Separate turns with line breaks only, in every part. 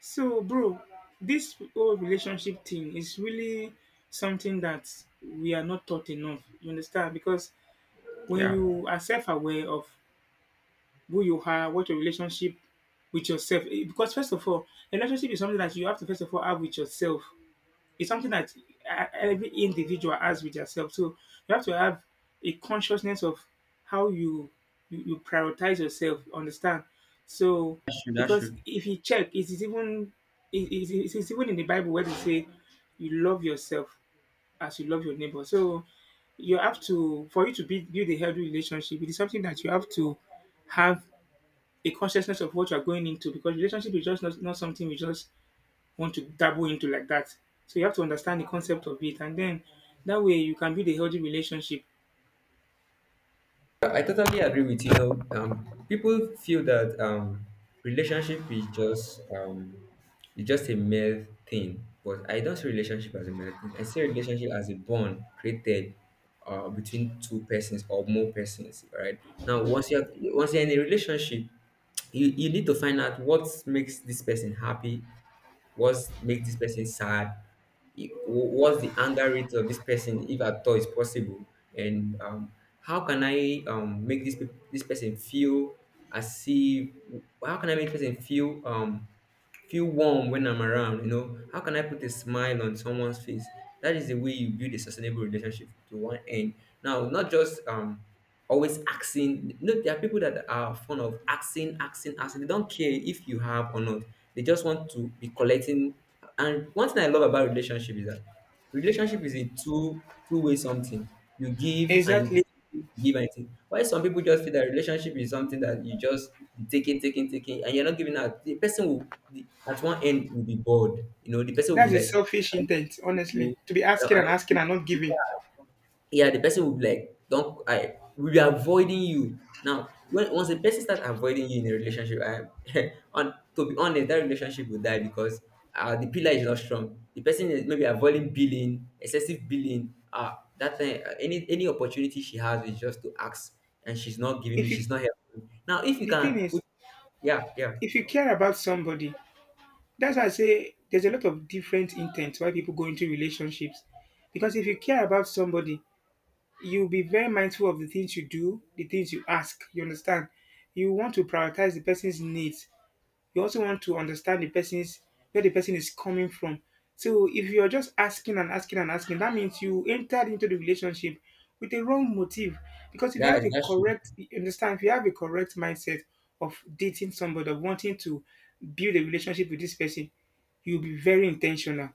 So, bro, this whole relationship thing is really something that we are not taught enough. You understand? Because when
Yeah,
you are self aware of who you are, what your relationship with yourself, because first of all, a relationship is something that you have to first of all have with yourself. It's something that every individual has with yourself. So you have to have a consciousness of how you prioritize yourself. Understand? So
I should. I
because
should.
if you check, it is even in the Bible where they say you love yourself as you love your neighbor. So you have to for you to build a healthy relationship it is something that you have to have a consciousness of what you are going into because relationship is just not something we just want to dabble into like that. So you have to understand the concept of it, and then that way you can build a healthy relationship.
I totally agree with you. People feel that relationship is just it's just a male thing, but I don't see relationship as a male thing. I see relationship as a bond created between two persons or more persons. Right now, once you're in a relationship, you need to find out what makes this person happy, what's make this person sad, what's the anger rate of this person if at all is possible. And how can I make this person feel, as if how can I make person feel feel warm when I'm around. How can I put a smile on someone's face? That is the way you build a sustainable relationship to one end. Now, not just always asking. No, there are people that are fond of asking, asking, asking. They don't care if you have or not, they just want to be collecting. And one thing I love about relationship is that relationship is a two-way something. You give and you
Exactly.
give and you take. Why some people just feel that relationship is something that you just be taking, taking, taking, and you're not giving out? The person will, at one end, will be bored. The person will be
That's a
like,
selfish
I don't want
intent,
to see you.
honestly, to be asking
I
and asking
don't.
and not giving.
Yeah, the person will be like, don't, I will be avoiding you. Now, when once a person start avoiding you in a relationship, I on to be honest, that relationship will die because the pillar is not strong. The person is maybe avoiding billing, excessive billing. That time, any opportunity she has is just to ask, and she's not giving me.
If you,
She's not helping. Now, if you
the thing
can put,
is,
yeah, yeah,
if you care about somebody, that's why I say there's a lot of different intents why people go into relationships. Because if you care about somebody, you'll be very mindful of the things you do, the things you ask. You understand? You want to prioritize the person's needs. You also want to understand the person's where the person is coming from. So if you're just asking and asking and asking, that means you entered into the relationship with a wrong motive. Because if you have a
that's true.
correct you understand, if you have a correct mindset of dating somebody, of wanting to build a relationship with this person, you'll be very intentional.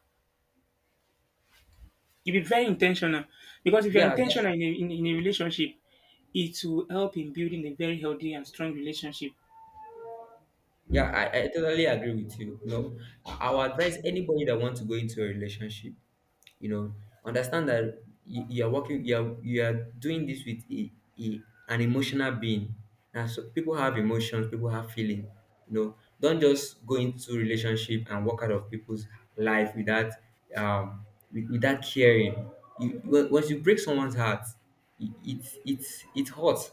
You'll be very intentional. Because if you're
Yeah, that's true.
intentional in a relationship, it will help in building a very healthy and strong relationship.
Yeah, I totally agree with you. No, know, I would advise anybody that wants to go into a relationship, you know understand that you are working, you are doing this with a an emotional being. Now, so people have emotions, people have feeling. Don't just go into relationship and walk out of people's life without um without caring. You once you break someone's heart, it it it, it hurts.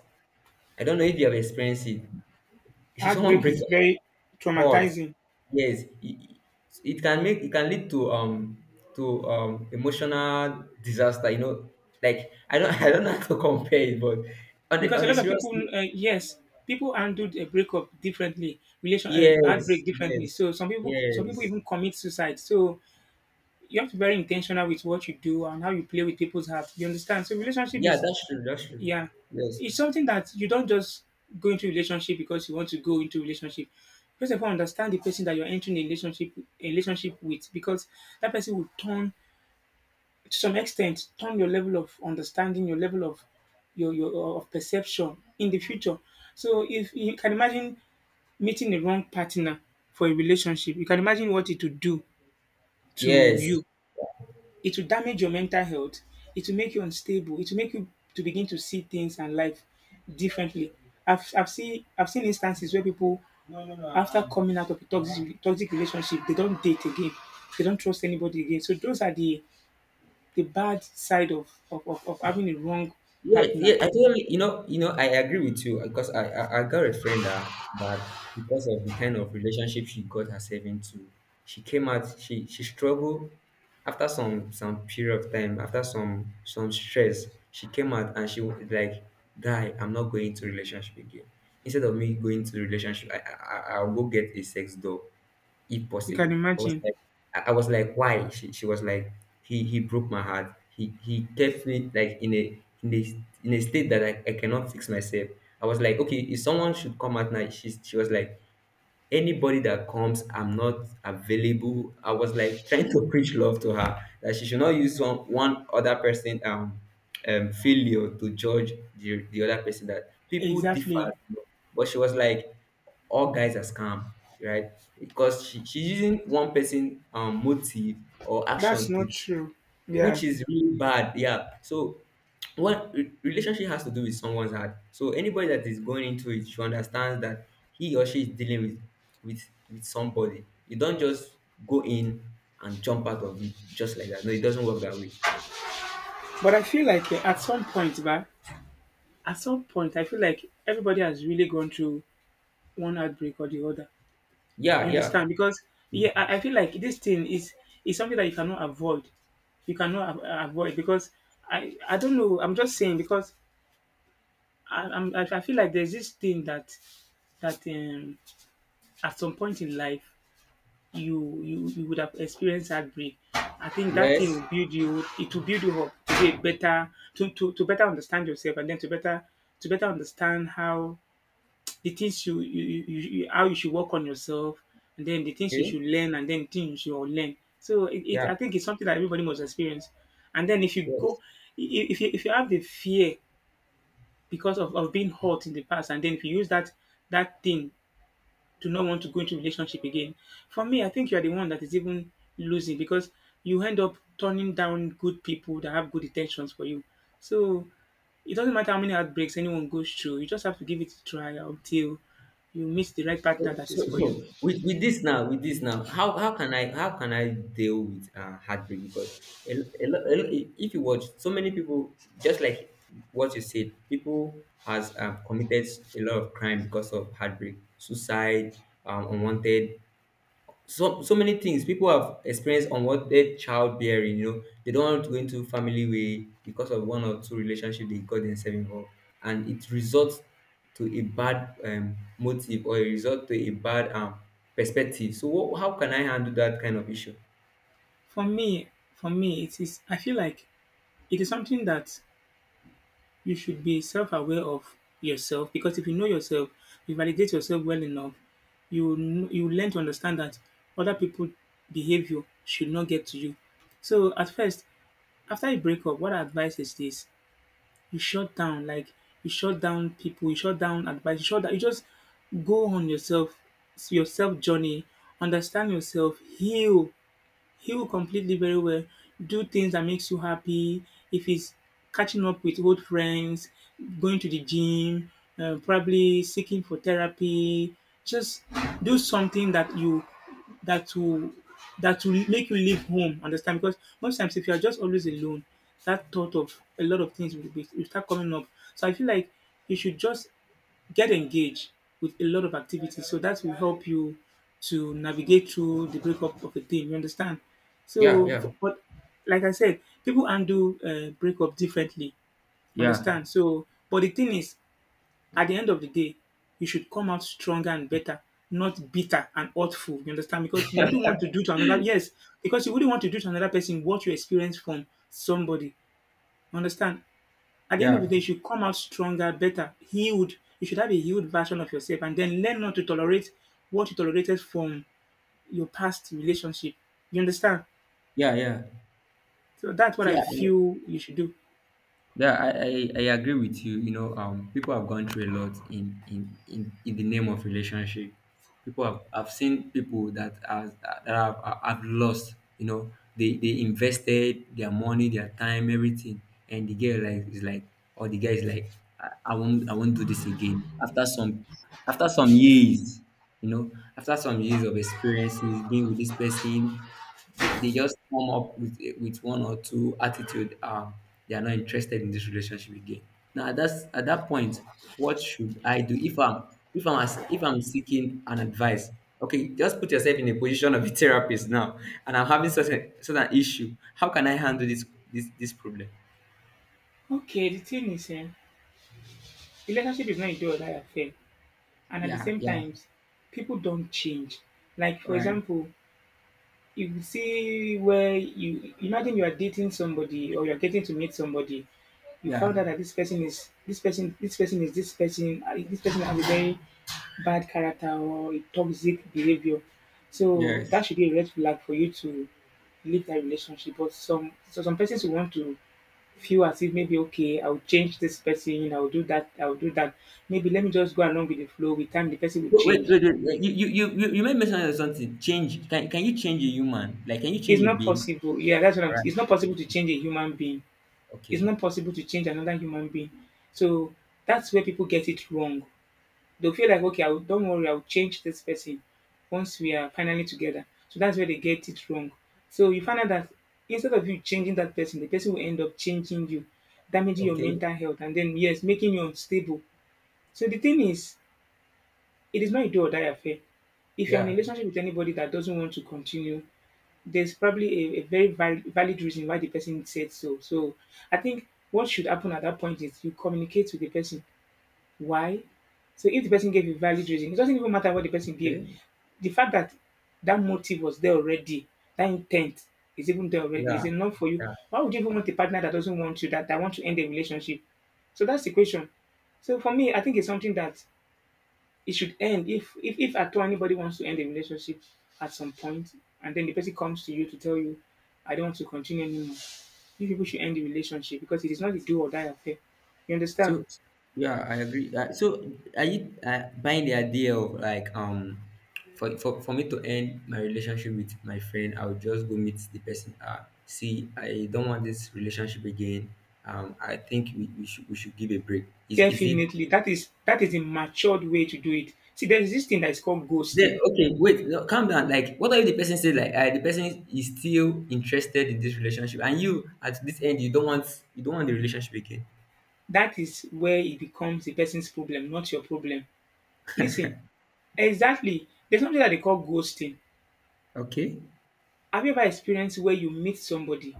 I don't know if you have experienced it. If someone
Heartbreak
breaks
is
your
very
heart,
traumatizing
yes, it can lead to emotional disaster, like I don't I don't know how to compare it. But
because
on
a
a
lot of
serious
people
note,
yes people handle a breakup differently relation
yes,
heartbreak differently
yes,
so some
yes.
people even commit suicide so you have to be very intentional with what you do and how you play with people's heart you understand so relationship
Yeah,
is
that's true, that's true.
yeah
Yes,
it's something that you don't just go into relationship because you want to go into relationship first of all understand the person that you're entering a relationship with because that person will turn to some extent turn your level of understanding, your level of your of perception in the future. So if you can imagine meeting the wrong partner for a relationship, you can imagine what it would do to
yes.
you. It will damage your mental health. It will make you unstable. It will make you to begin to see things and life differently. I've seen I've seen instances where people after coming out of a toxic toxic relationship, they don't date again. They don't trust anybody again. So those are the bad side of having a wrong
Yes, yeah,
partner.
I totally, I agree with you. Because I got a friend that, because of the kind of relationship she got herself into, she came out, she struggled. After some period of time, after some stress, she came out and she was like, guy, I'm not going to relationship again. Instead of me going to relationship, I'll go get a sex doll if
You can
possible. I was
imagine.
like, I was like, why? She was like, he broke my heart. He kept me like in a state that I cannot fix myself. I was like, okay, if someone should come at night, she was like, anybody that comes, I'm not available. I was like trying to preach love to her that she should not use one other person failure to judge the other person, that people differ,
Exactly.
you know. But she was like, all guys are scam, right? Because she's using one person motive or
That's
action
not
to,
true. Yeah.
which is really bad. Yeah. So what, relationship has to do with someone's heart. So anybody that is going into it should understand that he or she is dealing with with somebody. You don't just go in and jump out of it just like that. No, it doesn't work that way.
But I feel like at some point, ba, at some point, I feel like everybody has really gone through one outbreak or the other.
Yeah,
You understand?
yeah.
Because, yeah, I feel like this thing is something that you cannot avoid. You cannot avoid because I don't know. I'm just saying because I feel like there's this thing that, that um, at some point in life, you would have experienced heartbreak. I think that thing
Yes.
will build you. It will build you up to be a better to better understand yourself, and then to better understand how the things you- how you should work on yourself, and then the things you
Okay.
should learn, and then things you should learn. So it
Yeah.
I think it's something that everybody must experience. And then if you go,
Yes.
if you have the fear because of being hurt in the past, and then if you use that that thing do not want to go into relationship again. For me, I think you are the one that is even losing because you end up turning down good people that have good intentions for you. So it doesn't matter how many heartbreaks anyone goes through, you just have to give it a try until you meet the right partner that is for you.
So with, with this now, how can I, deal with heartbreak? Because if you watch, so many people, just like what you said, people has committed a lot of crime because of heartbreak, suicide, unwanted, so many things people have experienced. Unwanted childbearing, they don't want to go into family way because of one or two relationship they got themselves involved, and it results to a bad motive, or it results to a bad perspective. So what, how can I handle that kind of issue?
For me, for me, it is I feel like it is something that you should be self-aware of yourself because if you know yourself, you validate yourself well enough, you will you will learn to understand that other people' behavior should not get to you. So at first, after you break up, what I advice is this: you shut down, like you shut down people, you shut down advice, you shut down, you just go on yourself, your self journey, understand yourself, heal, he will completely very well do things that makes you happy. If he's catching up with old friends, going to the gym, probably seeking for therapy, just do something that you that will that will make you leave home. Understand? Because most times, if you are just always alone, that thought of a lot of things will start coming up. So I feel like you should just get engaged with a lot of activities. So that will help you to navigate through the breakup of a team. You understand?
Yeah,
So,
yeah.
but like I said, people handle breakup differently.
Yeah,
Understand? So, but the thing is, at the end of the day, you should come out stronger and better, not bitter and hurtful. You understand? Because you wouldn't want to do to another. Yes, because you wouldn't want to do to another person what you experienced from somebody. Understand? At the end of the
yeah,
day, you should come out stronger, better, healed. You should have a healed version of yourself and then learn not to tolerate what you tolerated from your past relationship. You understand?
yeah, yeah.
So that's what I
Yeah.
feel you should do.
Yeah, I agree with you. You know, people have gone through a lot in the name of relationship. People have I've seen people that has that have lost. You know, they invested their money, their time, everything, and the girl like is like, or the guy is like, I won't, I won't do this again. After some, years, you know, after some years of experiences being with this person, they just come up with one or two attitude. They are not interested in this relationship again. Now, at that point, what should I do if I'm, if I'm seeking an advice? Okay, just put yourself in a position of a therapist now, and I'm having such an issue. How can I handle this problem?
Okay, the thing is, relationship is not a do or die affair, and at the
Yeah,
same
yeah,
times, people don't change. Like
all
for
right.
example, you see where you imagine you are dating somebody or you're getting to meet somebody you
Yeah,
found out that this person is this person is this person has a very bad character or a toxic behavior so
yes.
that should be a red flag for you to leave that relationship but some so some persons will want to feel as if maybe okay I'll change this person I'll do that maybe let me just go along with the flow with time the person will
Wait,
change
wait, wait, wait. You made mention of something. Change. Can you change a human? Like, can you change
it's
a
not
being?
possible yeah that's what
All
I'm it's not possible
right.
to change a human being. It's
Okay.
not possible to change another human being. So that's where people get it wrong. They'll feel like, okay, I will, don't worry, I'll change this person once we are finally together. So that's where they get it wrong. So you find out that instead of you changing that person, the person will end up changing you, damaging your
Okay.
mental health, and then, yes, making you unstable. So the thing is, it is not a do or die affair. If you're in a
Yeah.
relationship with anybody that doesn't want to continue, there's probably a very valid reason why the person said so. So I think what should happen at that point is you communicate with the person why. So if the person gave a valid reason, it doesn't even matter what the person gave.
Okay.
The fact that that motive was there already, that intent is even there already,
Yeah,
is enough for you.
yeah.
Why would you even want a partner that doesn't want you, that want to end the relationship? So that's the question. So for me, I think it's something that it should end if at all anybody wants to end a relationship at some point and then the person comes to you to tell you I don't want to continue anymore you people should end the relationship because it is not a do or die affair you
So
understand
yeah, I agree. So are you buying the idea of like, for me to end my relationship with my friend, I'll just go meet the person. See, I don't want this relationship again. I think we should give a break. Is it?
definitely that is a matured way to do it see there is this thing that is called
Then
ghosting
okay, wait, no, calm down. Like, what if the person says like, the person is still interested in this relationship, and you at this end, you don't want the relationship again?
that is where it becomes the person's problem not your problem listen exactly there's something that they call ghosting
Okay.
have you ever experienced where you meet somebody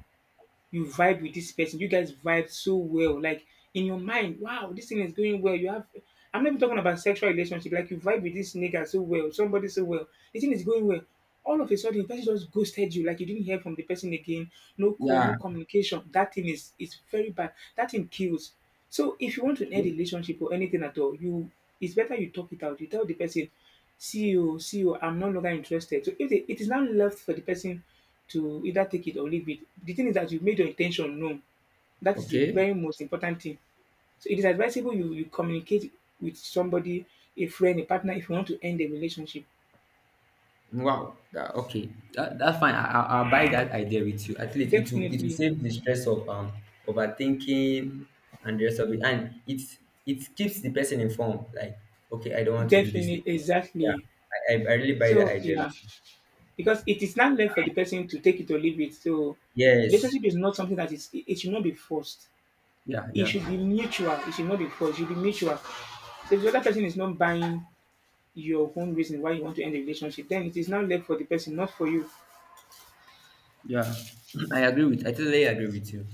you vibe with this person. You guys vibe so well. Like in your mind, wow, this thing is going well. You have I'm not even talking about sexual relationship. Like you vibe with this nigga so well, somebody so well. The thing is going well. All of a sudden, the person just ghosted you. Like you didn't hear from the person again. No call,
Yeah.
no communication. That thing is very bad. That thing kills. So if you want to end a relationship or anything at all, you it's better you talk it out. You tell the person, see you, I'm no longer interested. So if they, it is now left for the person to either take it or leave it. The thing is that you've made your intention known. That is the
Okay.
very most important thing. So it is advisable you communicate with somebody, a friend, a partner, if you want to end a relationship.
Wow. That, okay. That's fine. I'll buy that idea with you. At least it will,
Definitely,
save the stress of overthinking and the rest of it. And it keeps the person informed. Like, okay, I don't want to do this thing.
definitely,
Yeah.
exactly.
I really buy that
So
idea
yeah,
with you.
because it is not left for the person to take it or leave it. So
Yes.
relationship is not something that is it it should not be forced.
Yeah,
It
yeah,
should be mutual. It should not be forced. It should be mutual. So if the other person is not buying your own reason why you want to end the relationship, then it is now left for the person, not for you.
yeah. I totally agree with you.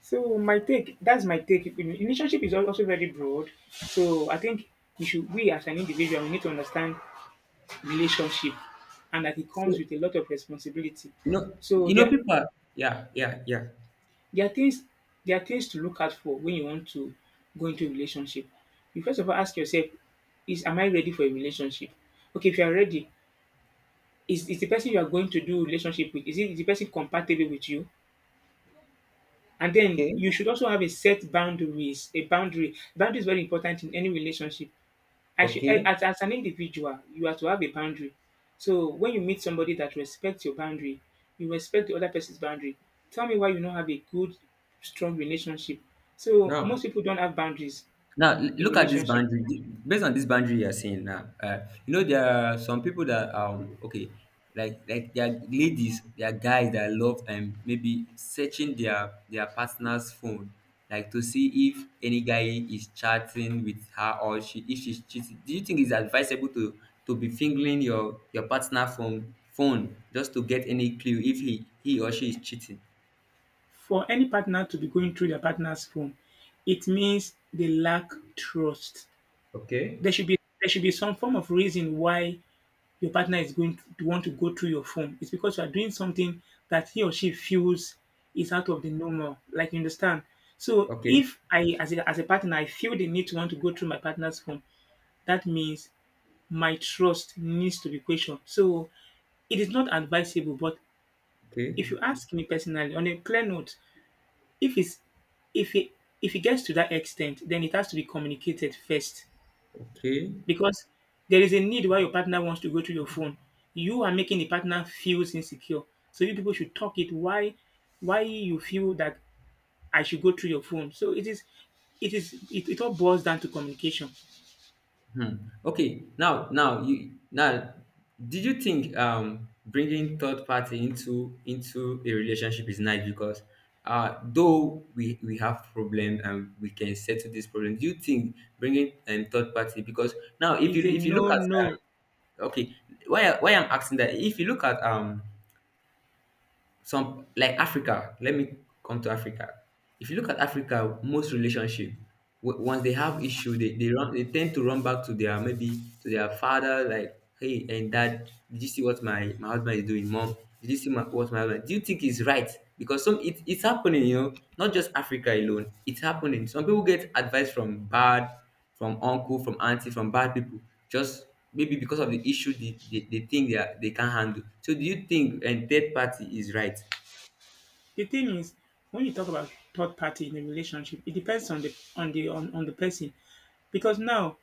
So my take, that's my take. Relationship is also very broad. So I think we as an individual, we need to understand relationship, and that it comes
So
with a lot of responsibility. So there,
people are, yeah, yeah, yeah.
there are things, there are things to look out for when you want to go into a relationship. You first of all ask yourself, is am I ready for a relationship? Okay, if you are ready, is the person you are going to do relationship with, is the person compatible with you? And then
Okay,
you should also have a set boundaries. A boundary. Boundary is very important in any relationship. I should, eh,
okay.
as an individual, you have to have a boundary. So when you meet somebody that respects your boundary, you respect the other person's boundary. Tell me why you don't have a good, strong relationship. So
Now,
most people don't have boundaries in
Look at this
relationship.
boundary. Based on this boundary you're saying now, you know there are some people that okay, like there are ladies, there are guys that love and maybe searching their partner's phone, like to see if any guy is chatting with her, or she if she's cheating. Do you think it's advisable to be fingering your partner phone just to get any clue if he or she is cheating?
For any partner to be going through their partner's phone, it means they lack trust.
Okay,
There should be some form of reason why your partner is going to want to go through your phone. It's because you are doing something that he or she feels is out of the normal. Like you understand. So
okay,
if I as a partner I feel the need to want to go through my partner's phone, that means my trust needs to be questioned. So it is not advisable, but
okay,
if you ask me personally on a clear note, if it's if it if it gets to that extent, then it has to be communicated first.
okay.
Because there is a need why your partner wants to go through your phone. You are making the partner feels insecure. So you people should talk it why you feel that I should go through your phone. So it all boils down to communication.
Hmm. Okay, now you now did you think bringing third party into a relationship is nice? Because though we have problem and we can settle this problem, do you think bringing third party? Because now,
It's a
if you look
no
at
no.
okay, why why I'm asking that. If you look at some like Africa. Let me come to Africa. If you look at Africa, most relationship, once they have issue, they run, they tend to run back to their maybe to their father, like, hey and dad, did you see what my husband is doing, mom? Did you see what my husband? Do you think he's right? Because some it, it's happening, not just Africa alone. It's happening. Some people get advice from bad from uncle, from auntie, from bad people, just maybe because of the issue they think they can't handle. So do you think and third party is right?
The thing is, when you talk about third party in a relationship, it depends on on the person. Because now,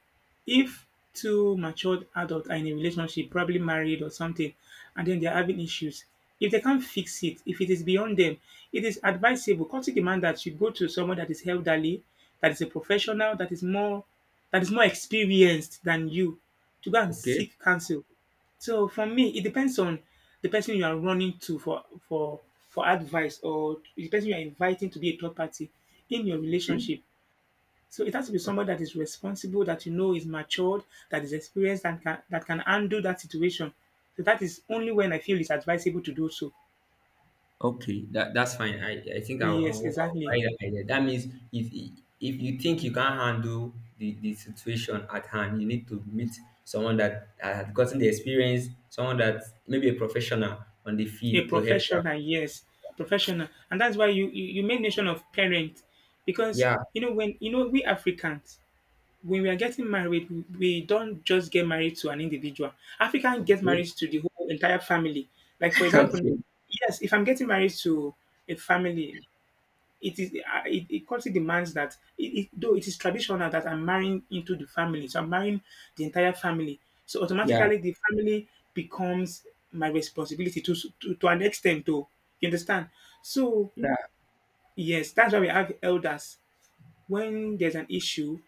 if two matured adults are in a relationship, probably married or something, and then they're having issues, if they can't fix it, if it is beyond them, it is advisable, come to demand that you go to someone that is elderly, that is a professional, that is more experienced than you, to go and
Okay.
seek counsel. So for me, it depends on the person you are running to for advice, or the person you are inviting to be a third party in your
Okay.
relationship. So it has to be somebody that is responsible, that you know is matured, that is experienced, and that can handle that situation. So that is only when I feel it's advisable to do so.
Okay, that's fine. I think
Yes,
I'll buy
exactly.
that idea. That means if if you think you can't handle the situation at hand, you need to meet someone that has gotten the experience, someone that maybe a professional on the
A
field to help you out.
professional, yes, professional, and that's why you made mention of parent, because
Yeah.
when we Africans, when we are getting married, we don't just get married to an individual. African get
Okay.
married to the whole entire family. Like for example,
okay.
yes, if I'm getting married to a family, it is it, it culturally demands that though it is traditional that I'm marrying into the family, so I'm marrying the entire family. So
Yeah.
automatically, the family becomes my responsibility to to an extent, though. You understand? So
Yeah.
yes, that's why we have elders. When there's an issue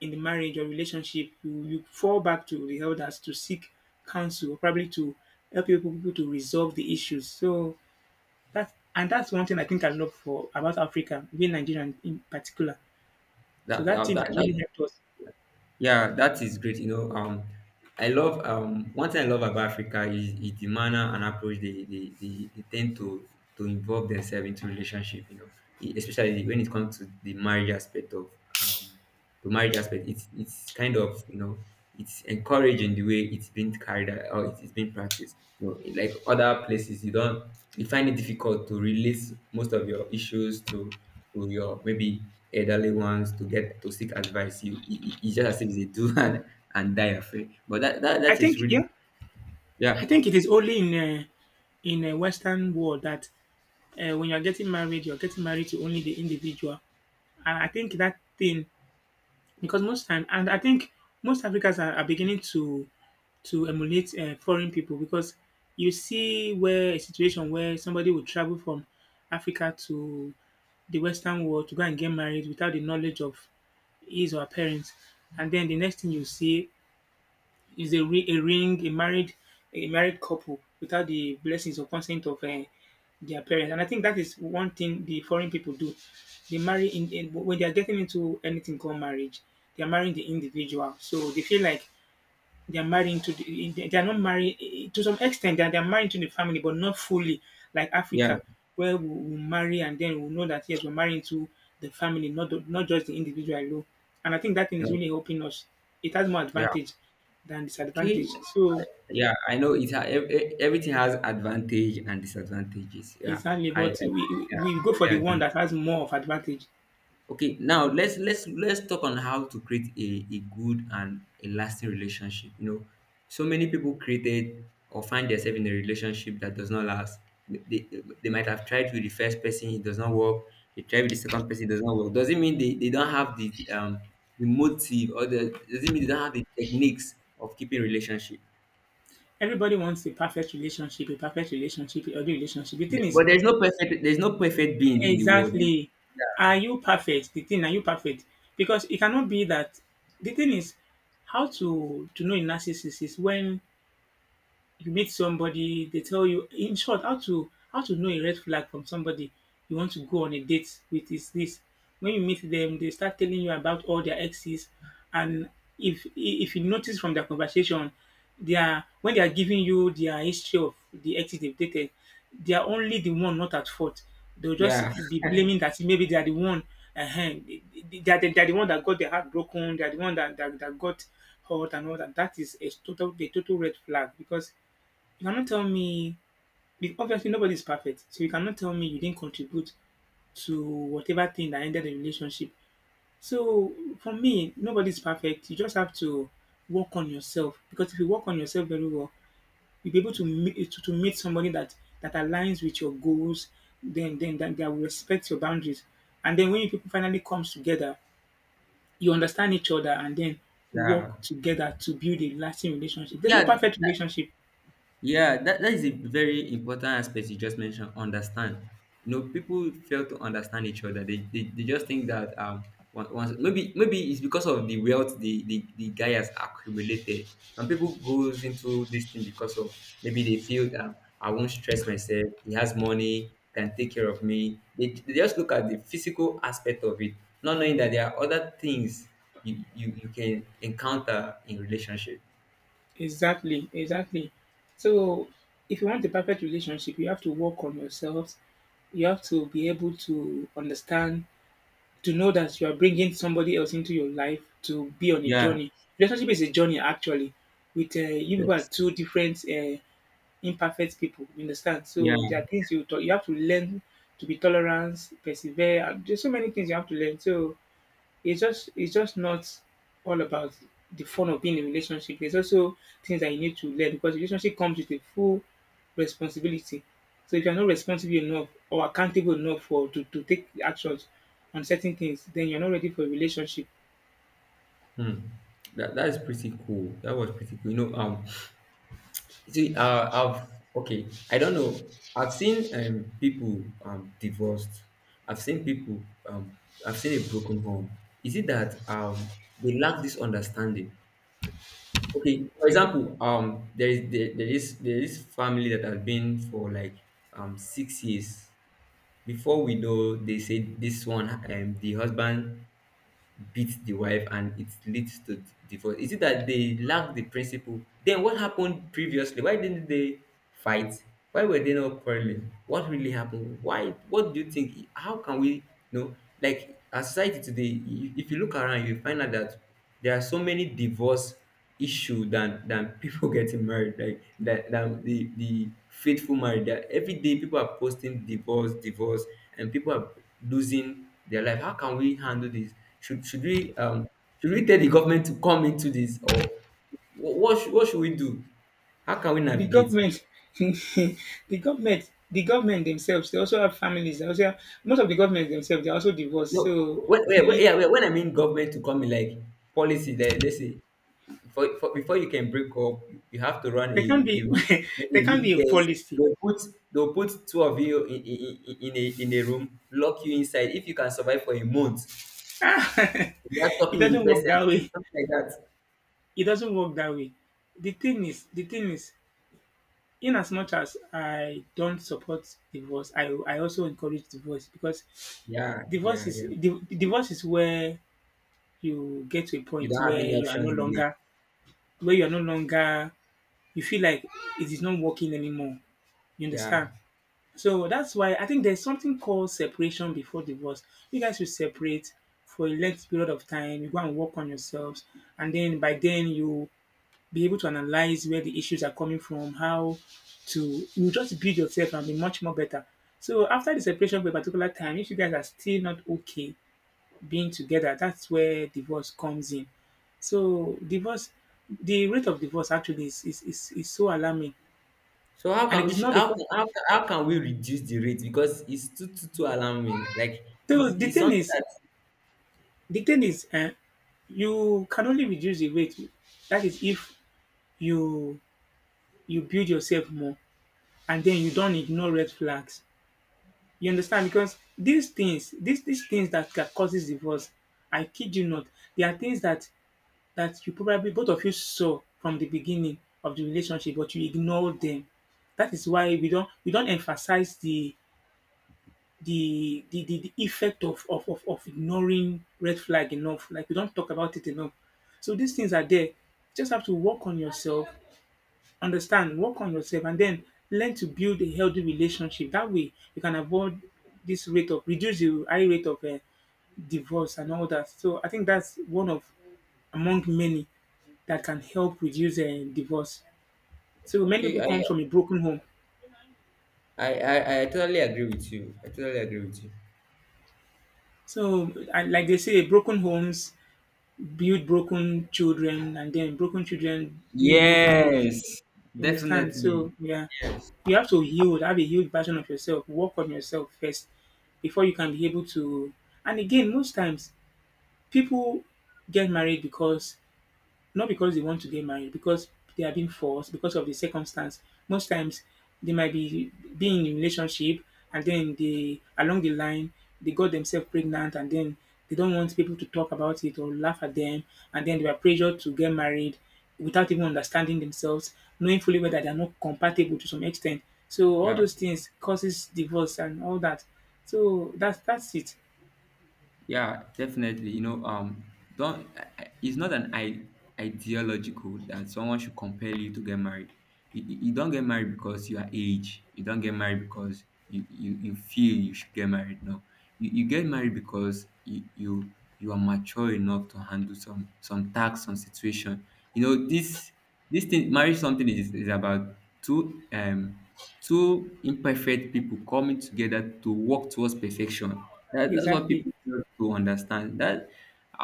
in the marriage or relationship, you fall back to the elders to seek counsel, probably to help you people to resolve the issues. So that's one thing I think I love for about Africa, being Nigerian in particular. So
That,
that
that,
thing has really
that,
helped us.
Yeah, that is great. I love one thing I love about Africa is the manner and approach they tend to involve themselves into relationship. You know, especially when it comes to the marriage aspect of um the marriage aspect. It's kind of it's encouraging the way it's been carried out or it's been practiced. You know, like other places, you don't you find it difficult to release most of your issues to your maybe elderly ones to get to seek advice. You just as if they do and die afraid. But that, that
I
that is
think
really
yeah,
yeah.
I think it is only uh, in a Western world that when you're getting married to only the individual. And I think that thing, because most time, and I think most Africans are beginning to emulate foreign people, because you see where a situation where somebody would travel from Africa to the Western world to go and get married without the knowledge of his or her parents, and then the next thing you see is a, ri- a ring, a married couple without the blessings or consent of their parents. And I think that is one thing the foreign people do. They marry in when they are getting into anything called marriage. They are marrying the individual, so they feel like they are married into they are not married to some extent. They are married to the family, but not fully like
Yeah.
Africa, where we marry, and then we know that yes, we're married to the family, not not just the individual alone. And I think that thing is
No,
really helping us. It has more
yeah.
advantage than
Okay.
disadvantage. So
Yeah. I know it. Everything has advantage and disadvantages. Yeah,
exactly,
I
but we, we
yeah,
we
I
go for the
really
one
agree.
that has more of advantage.
Okay, now let's talk on how to create a good and a lasting relationship. You know, so many people created or find themselves in a relationship that does not last. They, they might have tried with the first person, it does not work. They tried with the second person, it does not work. Doesn't mean they don't have the motive, or the doesn't mean they don't have the techniques of keeping relationship.
Everybody wants a perfect relationship, a perfect relationship, a good relationship. The thing is,
But there's no perfect being in the world.
exactly. Are you perfect? The thing, are you perfect? Because it cannot be that the thing is how to know a narcissist is when you meet somebody, they tell you in short how to know a red flag from somebody you want to go on a date with is this. When you meet them, they start telling you about all their exes, and if you notice from their conversation, they are when they are giving you their history of the exes they've dated, they are only the one not at fault. They'll
Yeah,
just be blaming that maybe they are the one, they are the one that got their heart broken, they are the one that got hurt and all that. That is a total, a total red flag, because you cannot tell me obviously nobody's perfect. So you cannot tell me you didn't contribute to whatever thing that ended the relationship. So for me, nobody's perfect. You just have to work on yourself, because if you work on yourself very well, you'll be able to meet to meet somebody that aligns with your goals, then that will respect your boundaries. And then when you people finally comes together, you understand each other, and then work
yeah,
together to build a lasting relationship. There's no
yeah.
perfect relationship.
Yeah, that is a very important aspect you just mentioned. Understand. You know, people fail to understand each other. They just think that once maybe maybe it's because of the wealth the guy has accumulated. Some people goes into this thing because of maybe they feel that I won't stress myself. He has money, can take care of me. They just look at the physical aspect of it, not knowing that there are other things you can encounter in relationship.
Exactly, exactly. So if you want a perfect relationship, you have to work on yourself. You have to be able to understand, to know that you are bringing somebody else into your life to be on a
Yeah.
journey. Relationship is a journey, actually. With you people are
Yes.
two different imperfect people. You understand? So
Yeah.
there are things you have to learn to be tolerant, persevere. And there's so many things you have to learn. So it's just not all about the fun of being in a relationship. There's also things that you need to learn, because relationship comes with a full responsibility. So if you're not responsible enough or accountable enough for to take actions on certain things, then you're not ready for a relationship.
Hmm. That is pretty cool. That was pretty cool. See, I've okay. I don't know. I've seen people divorced. I've seen people I've seen a broken home. Is it that they lack this understanding? Okay, for example, there is family that has been for like 6 years. Before we know, they say this one, the husband beat the wife and it leads to divorce. Is it that they lack the principle? Then what happened previously? Why didn't they fight? Why were they not quarreling? What really happened? Why? What do you think? How can we, you know, like as society today, if you look around you find out that there are so many divorce issue than people getting married. Like that, than the faithful marriage. That every day people are posting divorce, divorce, and people are losing their life. How can we handle this? Should we should we tell the government to come into this, or what should we do? How can we
The
navigate?
government, the government, the government themselves, they also have families. They also have, most of the governments themselves, they're also divorced.
No,
So
yeah, when I mean government to come in like policy, like, let's say before, before you can break up, you have to run
there can
a
be
week, maybe
there
a
can
week
be a
test.
policy.
They'll put they'll put two of you in, in a room, lock you inside. If you can survive for a month, you are
It
talking with the
doesn't work that
person,
way.
something like that.
It doesn't work that way. The thing is, in as much as I don't support divorce, I also encourage divorce, because
Yeah,
divorce
yeah,
is
yeah.
divorce is where you get to a
You
point
don't have
where
any
you are
options
no
again.
longer where you are no longer you feel like it is not working anymore. You
Yeah.
understand? So that's why I think there's something called separation before divorce. You guys should separate for a length period of time. You go and work on yourselves, and then by then you be able to analyze where the issues are coming from, how to you just build yourself and be much more better. So after the separation for a particular time, if you guys are still not okay being together, that's where divorce comes in. So divorce, the rate of divorce actually is so alarming,
So how
and
can
it
we
is
sh-
not
how,
because
can- how can- how can we reduce the rate, because it's too alarming. Like
so the
it's
thing
something
is
that,
the thing is, you can only reduce the rate. That is if you you build yourself more, and then you don't ignore red flags. You understand? Because these things that causes divorce, I kid you not, they are things that you probably both of you saw from the beginning of the relationship, but you ignore them. That is why we don't emphasize the effect of ignoring red flag enough. Like we don't talk about it enough. So these things are there. You just have to work on yourself understand, work on yourself, and then learn to build a healthy relationship. That way, you can avoid this rate of reduce the high rate of divorce and all that. So I think that's one of among many that can help reduce divorce. So many
okay.
people come from a broken home.
I totally agree with you. I totally agree with you.
So I, like they say, broken homes build broken children, and then broken children build broken homes.
Yes,
You understand?
definitely.
So yeah,
Yes.
you have to heal, have a healed version of yourself. Work on yourself first before you can be able to. And again, most times people get married because not because they want to get married, because they are being forced, because of the circumstance. Most times they might be being in a relationship and then they along the line they got themselves pregnant and then they don't want people to talk about it or laugh at them and then they were pressured to get married without even understanding themselves, knowing fully well that they're not compatible to some extent. So all
Yeah.
those things causes divorce and all that. So that's it.
Yeah. Definitely. You know, don't. It's not an ideological that someone should compel you to get married. You don't get married because you are age. You don't get married because you feel you should get married. No, you get married because you are mature enough to handle some tax, some situation. You know, this thing, marriage, something is about two two imperfect people coming together to work towards perfection. That, that's what
Exactly.
people fail to understand. That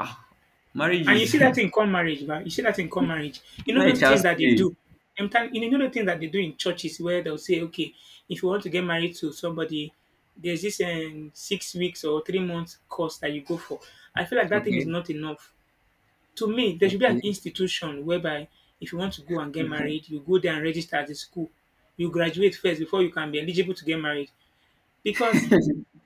ah, marriage
And
is
you see that in common marriage, ba. You see that in common
it's
marriage. You know
not a
those things
child's
that they
play.
do. Sometimes you know the things that they do in churches where they'll say, okay, if you want to get married to somebody, there's this 6 weeks or 3 months course that you go for. I feel like that thing is
Okay,
not enough. To me, there should be an
okay,
institution whereby if you want to go and get married, you go there and register at the school. You graduate first before you can be eligible to get married. Because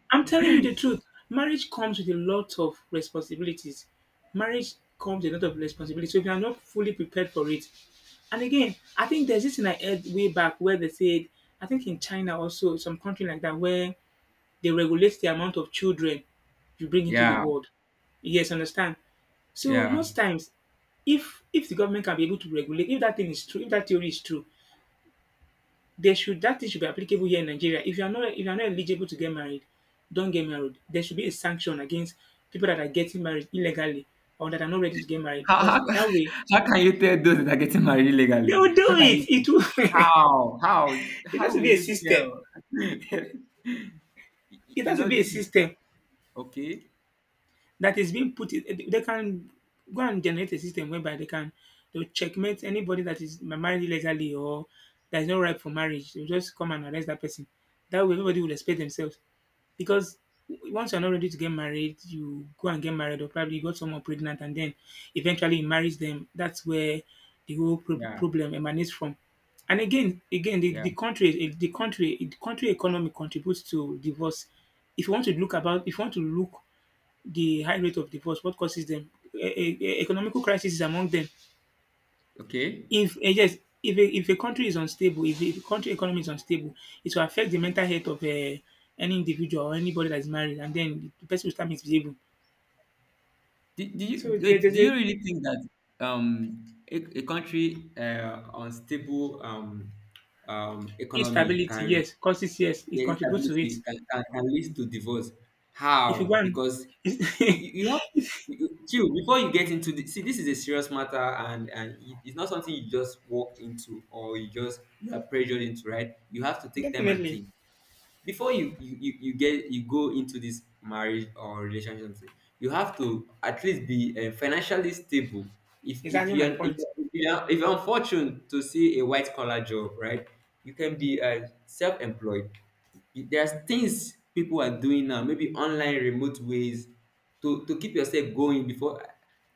I'm telling you the truth. Marriage comes with a lot of responsibilities. Marriage comes with a lot of responsibilities. So if you are not fully prepared for it, and again, I think there's this in I heard way back where they said, I think in China also, some country like that, where they regulate the amount of children you bring into the
yeah,
world. Yes, understand. So
yeah.
most times, if the government can be able to regulate, if that thing is true, if that theory is true, they should that thing should be applicable here in Nigeria. If you are not eligible to get married, don't get married. There should be a sanction against people that are getting married illegally or that are not ready to get married because
How,
that way
how can you tell those that are getting married
they
legally?
will
How
do
can
it.
you?
It will.
How how
It has
how
to
will
be a
you
system.
tell?
It
You
has to
know
be a
this is
system
okay.
that is being put in, eh, they can go and generate a system whereby they'll checkmate anybody that is married illegally or that is not ripe for marriage. They'll just come and arrest that person. That way everybody will respect themselves. Because once you're not ready to get married, you go and get married or probably you got someone pregnant and then eventually you marry them. That's where the whole
Yeah,
problem emanates from. And again, again, the,
yeah,
the country, eh, the country economy contributes to divorce. If you want to look about, if you want to look the high rate of divorce, what causes them, economical crisis is among them.
okay.
If eh, yes, if a country is unstable, if a country economy is unstable, it will affect the mental health of any individual or anybody that is married, and then the person will start misbehaving.
Do you
So
wait?
there's
Do
a
you really think that um a country, unstable economy
instability,
can,
yes, causes yes, it
yeah,
contributes to it.
instability can, can lead to divorce.
If you go
How?
and
Because you have to chill before you get into the, see, this is a serious matter, and it- it's not something you just walk into, or you just you are pressured into, right? You have to take time and
definitely,
think before you go into this marriage or relationship. Something. You have to at least be, financially stable. If
exactly my point.
you're, if you're unfortunate to see a white collar job, right, you can be, self-employed. There's things people are doing now, maybe online remote ways, to keep yourself going before.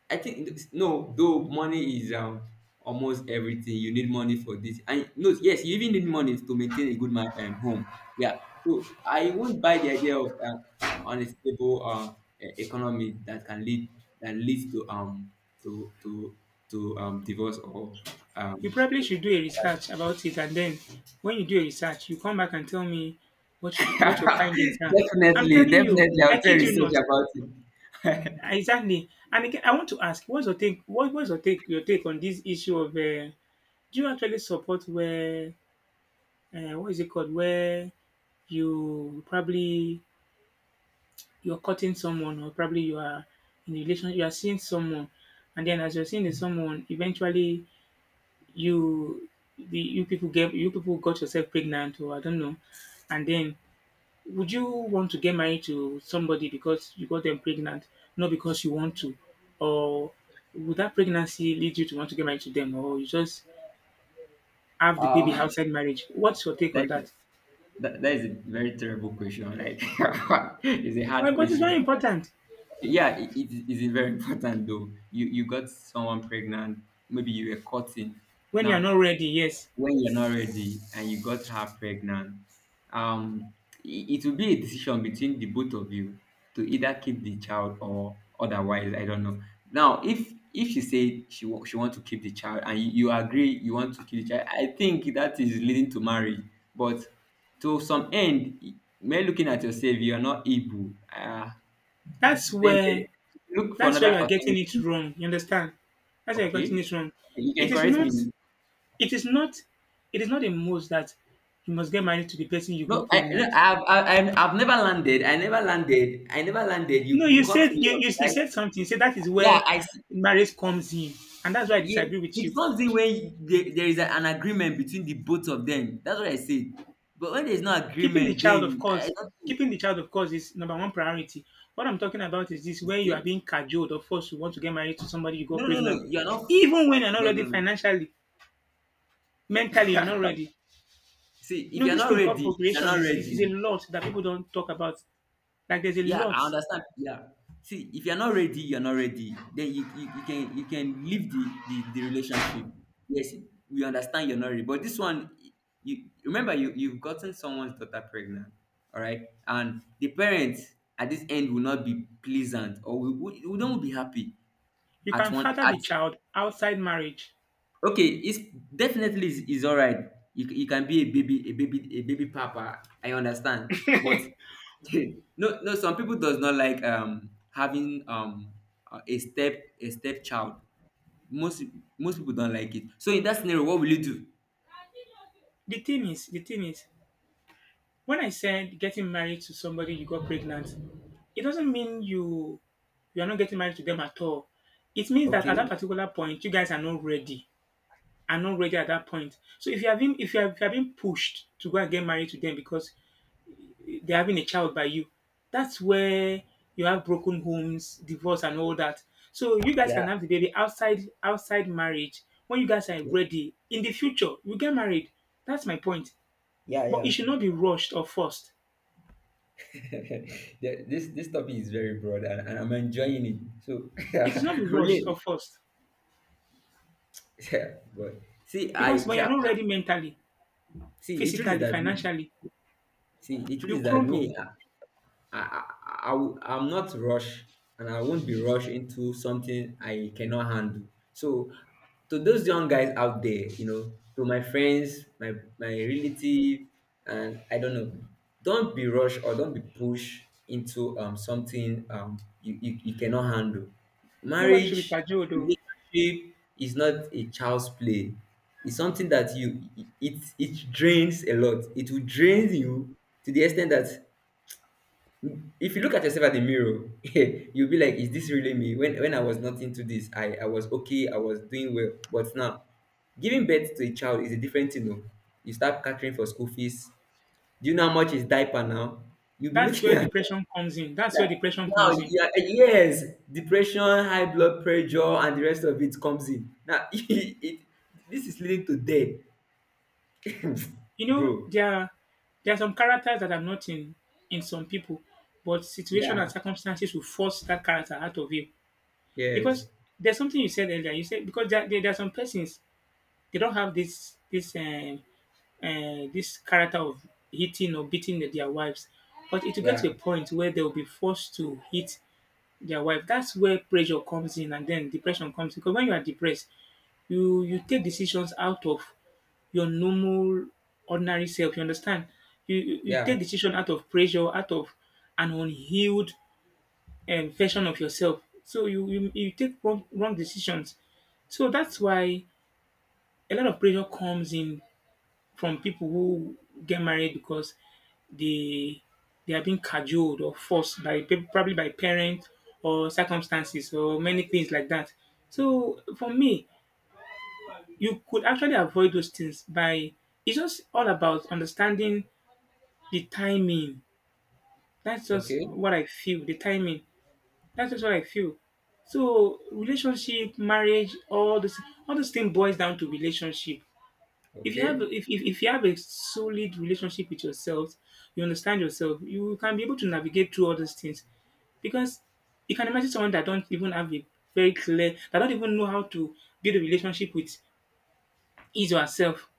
I think no, though money is almost everything, you need money for this, and no, yes, you even need money to maintain a good man, home. Yeah. So I won't buy the idea of, unstable, economy that can lead, that leads to, to to, divorce or
You
um
probably should do a research about it, and then when you do a research, you come back and tell me what your findings are. I'm
definitely,
telling you,
definitely, I'll
I
do a
kid you
research
not.
about it.
Exactly. And again, I want to ask, what's your take? What's your take? Your take on this issue of do you actually support where what is it called? Where you probably you're cutting someone, or probably you are in a relation, you are seeing someone, and then as you're seeing the someone, eventually you the you people get you people got yourself pregnant, or I don't know, and then would you want to get married to somebody because you got them pregnant, not because you want to? Or would that pregnancy lead you to want to get married to them, or you just have the baby
Uh,
outside marriage? What's your take on
that,
that?
that is a very terrible question. Like, it's a hard
Well, but it's very
question.
important
Yeah, it is very important though. You got someone pregnant, maybe you were cutting.
when you are
Now,
not ready. Yes,
when you're not ready and you got her pregnant, um, it, it will be a decision between the both of you to either keep the child or otherwise. I don't know. Now, if she said she want to keep the child and you agree you want to keep the child, I think that is leading to marriage. But to some end, when looking at yourself, you are not able.
that's
Then eh,
where
look for another
you are getting it
alternative.
wrong. You understand? That's where you're
Okay,
getting it wrong.
you can
It is
correct
not.
me.
It is not. It is not a must that you must get married to the person you
No,
got pregnant.
I've never landed. I never landed. I never landed.
No,
You
you
caught
said
me
you,
up,
you you
right?
said something. You said that is
Yeah,
where marriage comes in, and that's why I
yeah,
disagree with you.
it comes in when there is an agreement between the both of them. That's what I said. But when there's no
Keeping the
agreement,
child, of
then I
course,
don't think.
keeping the child, of course, is number one priority. What I'm talking about is this: where you are
Eh?
being cajoled or forced to want to get married to somebody you got
No, no,
pregnant,
no. You're not.
even when you're not
No, no,
ready
no.
financially, mentally, you're not ready.
See,
You
if
know,
you're
this
not
thing called
ready, you're not
procreation is is a
ready.
lot that people don't talk about. Like, there's a
Yeah,
lot
I understand. Yeah. See, if you're not ready, you're not ready. Then you can leave the relationship. Yes, we understand you're not ready. But this one, you remember you've gotten someone's daughter pregnant, all right? And the parents at this end will not be pleasant, or we don't be happy
you
at
can
one
father
at
the child outside marriage.
okay, it's definitely is all right. You, you can be a baby papa, I understand. But No no, some people does not like having a stepchild. Most, most people don't like it. So in that scenario, what will you do?
The thing is, when I said getting married to somebody you got pregnant, it doesn't mean you are not getting married to them at all. It means that at that
Okay.
particular point, you guys are not ready. Are not ready at that point. So if you have, if you are being pushed to go and get married to them because they're having a child by you, that's where you have broken homes, divorce, and all that. So you guys
Yeah.
can have the baby outside marriage when you guys are
Okay.
ready. In the future, you get married. That's my point.
Yeah.
But
Yeah.
it should not be rushed or forced.
This this topic is very broad, and I'm enjoying it. So
It should not be
I'm
rushed or
really,
forced
yeah, but see
because
i
when
sha-
you're not ready mentally,
see the truth is
physically,
that
financially,
see the truth
you
is that
crumble.
me, I, I, I am not rushed and I won't be rushed into something I cannot handle. So to those young guys out there, you know, to my friends, my relative, and I don't know, don't be rushed, or don't be pushed into something you cannot handle.
Nobody should be
Marriage,
cajoled. Oh.
relationship is not a child's play. It's something that you, it drains a lot. It will drain you to the extent that if you look at yourself at the mirror, you'll be like, is this really me? When I was not into this, I was okay, I was doing well, but now giving birth to a child is a different thing, oh. You start catering for school fees, do you know how much is diaper now? You'll be
That's
looking
where
at
depression comes in. That's where
that.
depression
Now
comes in.
you are- yes, depression, high blood pressure, and the rest of it comes in now. It, this is leading to death.
You know,
Bro.
there are some characters that are not in in some people, but situation
Yeah.
and circumstances will force that character out of you.
Yes.
Because there's something you said earlier. You said because there are some persons they don't have this this character of hitting or beating their wives. But it will get to
Yeah.
a point where they will be forced to hit their wife. That's where pressure comes in, and then depression comes in. Because when you are depressed, you take decisions out of your normal, ordinary self. You understand? You
Yeah.
take decision out of pressure, out of an unhealed version of yourself. So you take wrong decisions. So that's why a lot of pressure comes in from people who get married because they they are being cajoled or forced by probably by parents or circumstances or many things like that. So for me, you could actually avoid those things by it's just all about understanding the timing. That's just
Okay.
what I feel. The timing. That's just what I feel. So relationship, marriage, all this thing boils down to relationship. if you have
Okay.
if, if, if you have a solid relationship with yourself, you understand yourself. You can be able to navigate through all those things, because you can imagine someone that don't even have a very clear, that don't even know how to build a relationship with his or herself,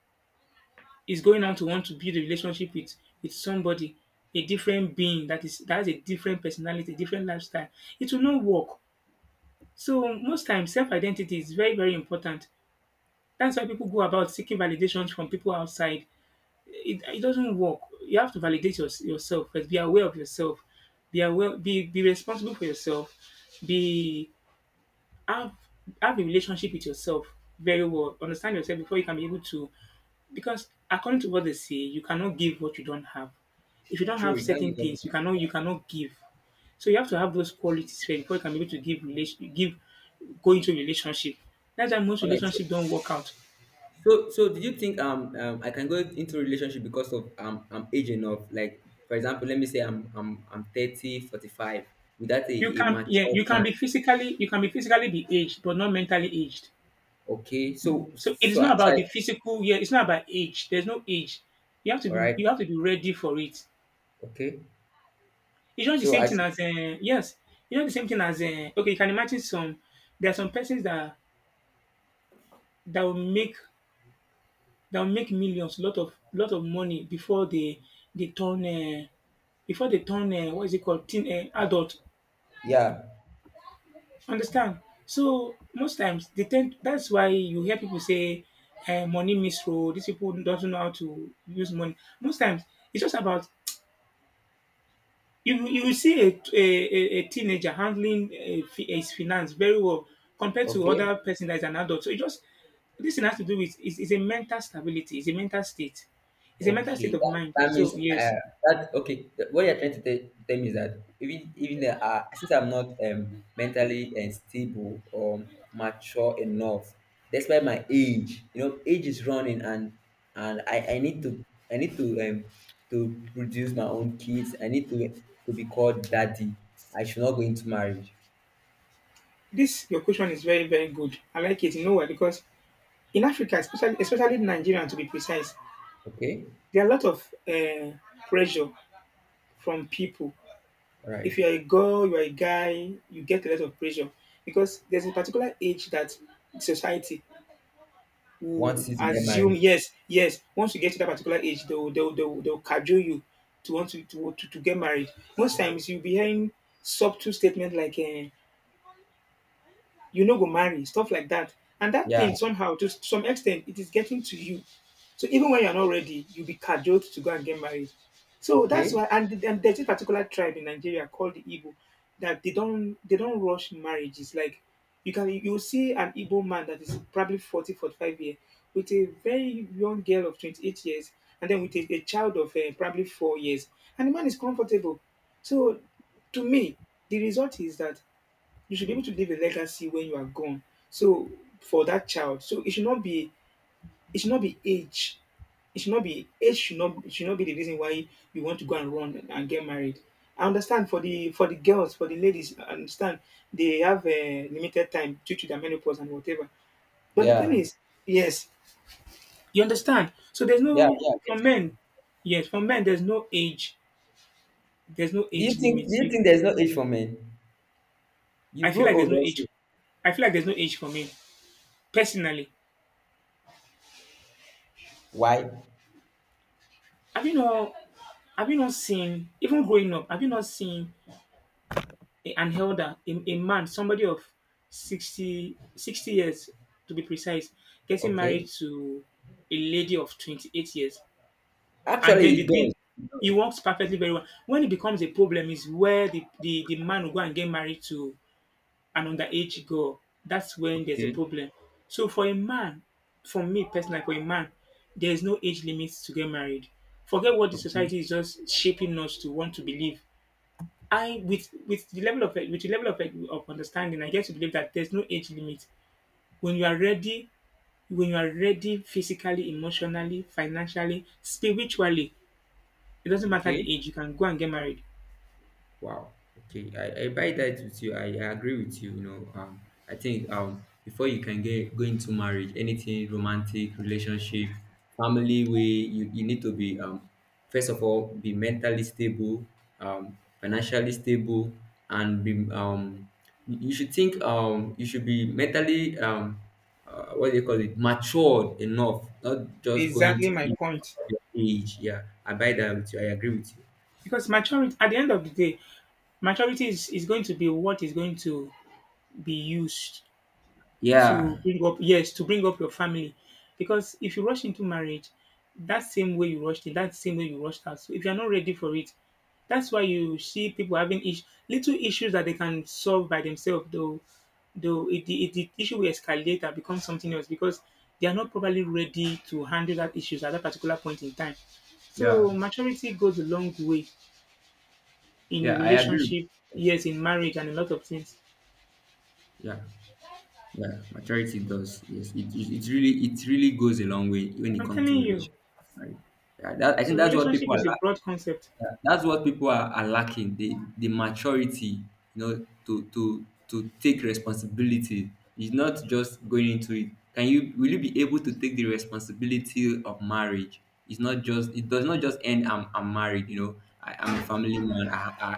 is going on to want to build a relationship with somebody, a different being that has a different personality, different lifestyle. It will not work. So most times self-identity is very, very important. That's why people go about seeking validations from people outside. It doesn't work. You have to validate yourself first. Be aware of yourself. Be aware. Be responsible for yourself. Be have have a relationship with yourself very well. Understand yourself before you can be able to. Because, according to what they say, you cannot give what you don't have. If you don't
Sure,
have
you can't
certain
give
things, you
up.
cannot give. So you have to have those qualities first before you can be able to give relation give go into a relationship. That's why most
All right. So,
relationships don't work out.
do you think I can go into a relationship because of I'm age enough? Like, for example, let me say I'm five without a,
You
a
can, yeah,
mature
you
man.
can be physically be aged, but not mentally aged.
Okay. So
So it is
so,
not
so
about the
I,
physical, yeah, it's not about age. There's no age. You have to
all
be
right.
ready for it.
Okay.
It's not the
So
same
I,
thing as yes, the same thing as okay. You can imagine some there are some persons that will make that will make millions, lot of money before they turn, what is it called, teen, adult.
yeah.
Understand? So most times, they tend that's why you hear people say, money misro, these people don't know how to use money. Most times it's just about, you will see a teenager handling, his finance very well compared to
Okay.
other person that is an adult. So it just this thing has to do with, is a mental stability. It's a mental state. It's a mental
Okay,
state of
that,
mind.
that means,
So yes,
that okay. What you're trying to tell me is that even even the, since I'm not mentally and stable or mature enough, despite my age, you know, age is running, and I need to produce my own kids. I need to be called daddy. I should not go into marriage.
this your question is very, very good. I like it. You know why? Because in Africa, especially Nigeria to be precise,
Okay,
there are a lot of pressure from people.
all right.
If you're a girl, you're a guy, you get a lot of pressure because there's a particular age that society will
Once you to get
assume,
married,
yes, yes. Once you get to that particular age, they'll cajole you to want to, to get married. Most times you'll be hearing subtle statement like, you no go marry, stuff like that. And that
yeah.
thing somehow, to some extent, it is getting to you. So even when you're not ready, you'll be cajoled to go and get married. So that's
Okay,
why, and there's this particular tribe in Nigeria called the Igbo, that they don't rush marriages. Like, you'll see an Igbo man that is probably 40 45 years with a very young girl of 28 years, and then with a child of probably 4 years, and the man is comfortable. So to me, the result is that you should be able to leave a legacy when you are gone. So for that child, so it should not be age. It should not be age. Should not it should not be the reason why you want to go and run and get married. I understand for the girls, for the ladies, I understand they have a limited time due to their menopause and whatever. But the thing
yeah,
is, yes, you understand. So there's
yeah,
no,
yeah. I
for
get it.
men, yes, for men there's no age
Do
limit.
you think there's no age for men? You
I feel
grow
like there's
old
no
also.
age. I feel like there's no age for me personally.
Why?
Have you not, seen even growing up, have you not seen an elder, a man, somebody of 60, 60 years to be precise, getting
Okay.
married to a lady of 28 years? And then
Actually, it
the thing,
does. It
it
does.
works perfectly very well. When it becomes a problem is where the man will go and get married to an underage girl, that's when there's a
Okay.
problem. So for a man, for me personally, for a man, there is no age limit to get married. Forget what the
Okay.
society is just shaping us to want to believe. I with the level of with the level of understanding, I get to believe that there's no age limit. When you are ready, when you are ready physically, emotionally, financially, spiritually, it doesn't matter
Okay.
the age, you can go and get married.
Wow. Okay, I buy that with you. I agree with you. You know, I think before you can get go into marriage, anything romantic, relationship, family way, you need to be first of all be mentally stable, financially stable, and be you should think you should be mentally what do you call it, matured enough, not just going to
Exactly my
it because
point.
of your age. Yeah, I buy that with you. I agree with you.
Because maturity, at the end of the day, maturity is going to be what is going to be used
Yeah,
to bring up, yes, to bring up your family. Because if you rush into marriage, that same way you rushed in, that same way you rushed out. So if you're not ready for it, that's why you see people having little issues that they can solve by themselves, though the issue will escalate and become something else, because they are not probably ready to handle that issues at that particular point in time. So
yeah.
maturity goes a long way in a
Yeah, I agree.
relationship, yes, in marriage, and a lot of things.
Yeah, yeah, maturity does. Yes, it really goes a long way when it
I'm
comes to
telling you.
relationship. Right? Yeah, that, I think
So
that's what
relationship
people are,
is a broad concept.
that's what people are lacking. The maturity, you know, to to take responsibility. It's not just going into it. Can you, will you be able to take the responsibility of marriage? It's not just, it does not just end, I'm married, you know, I, I'm a family man,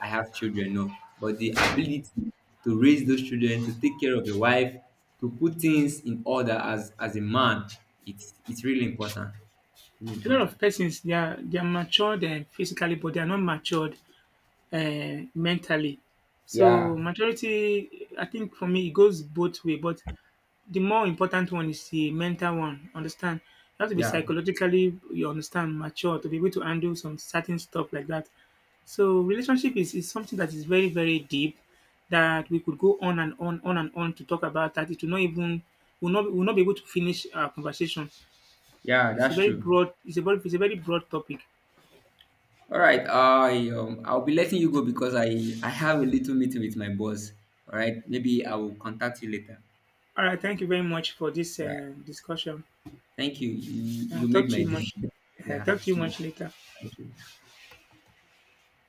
I have children, no. But the ability to raise those children, to take care of your wife, to put things in order as a man, it's really important. Really
A lot
important.
of persons, they are matured, physically, but they are not matured, mentally. So
Yeah.
maturity, I think for me, it goes both way. But the more important one is the mental one, understand. You have to be,
Yeah.
psychologically, you understand, mature to be able to handle some certain stuff like that. So relationship is, something that is very, very deep, that we could go on and on to talk about that. It will not even will not be able to finish our conversation.
Yeah,
It's a
that's
very
true.
broad, it's a very broad topic.
All right, um, I'll be letting you go because I have a little meeting with my boss. All right, maybe I will contact you later.
All right, thank you very much for this
Yeah,
discussion.
thank you.
I'll
You made
talk to
my
you
day.
much. I'll
Yeah,
talk to you
see you.
much later.
Thank you.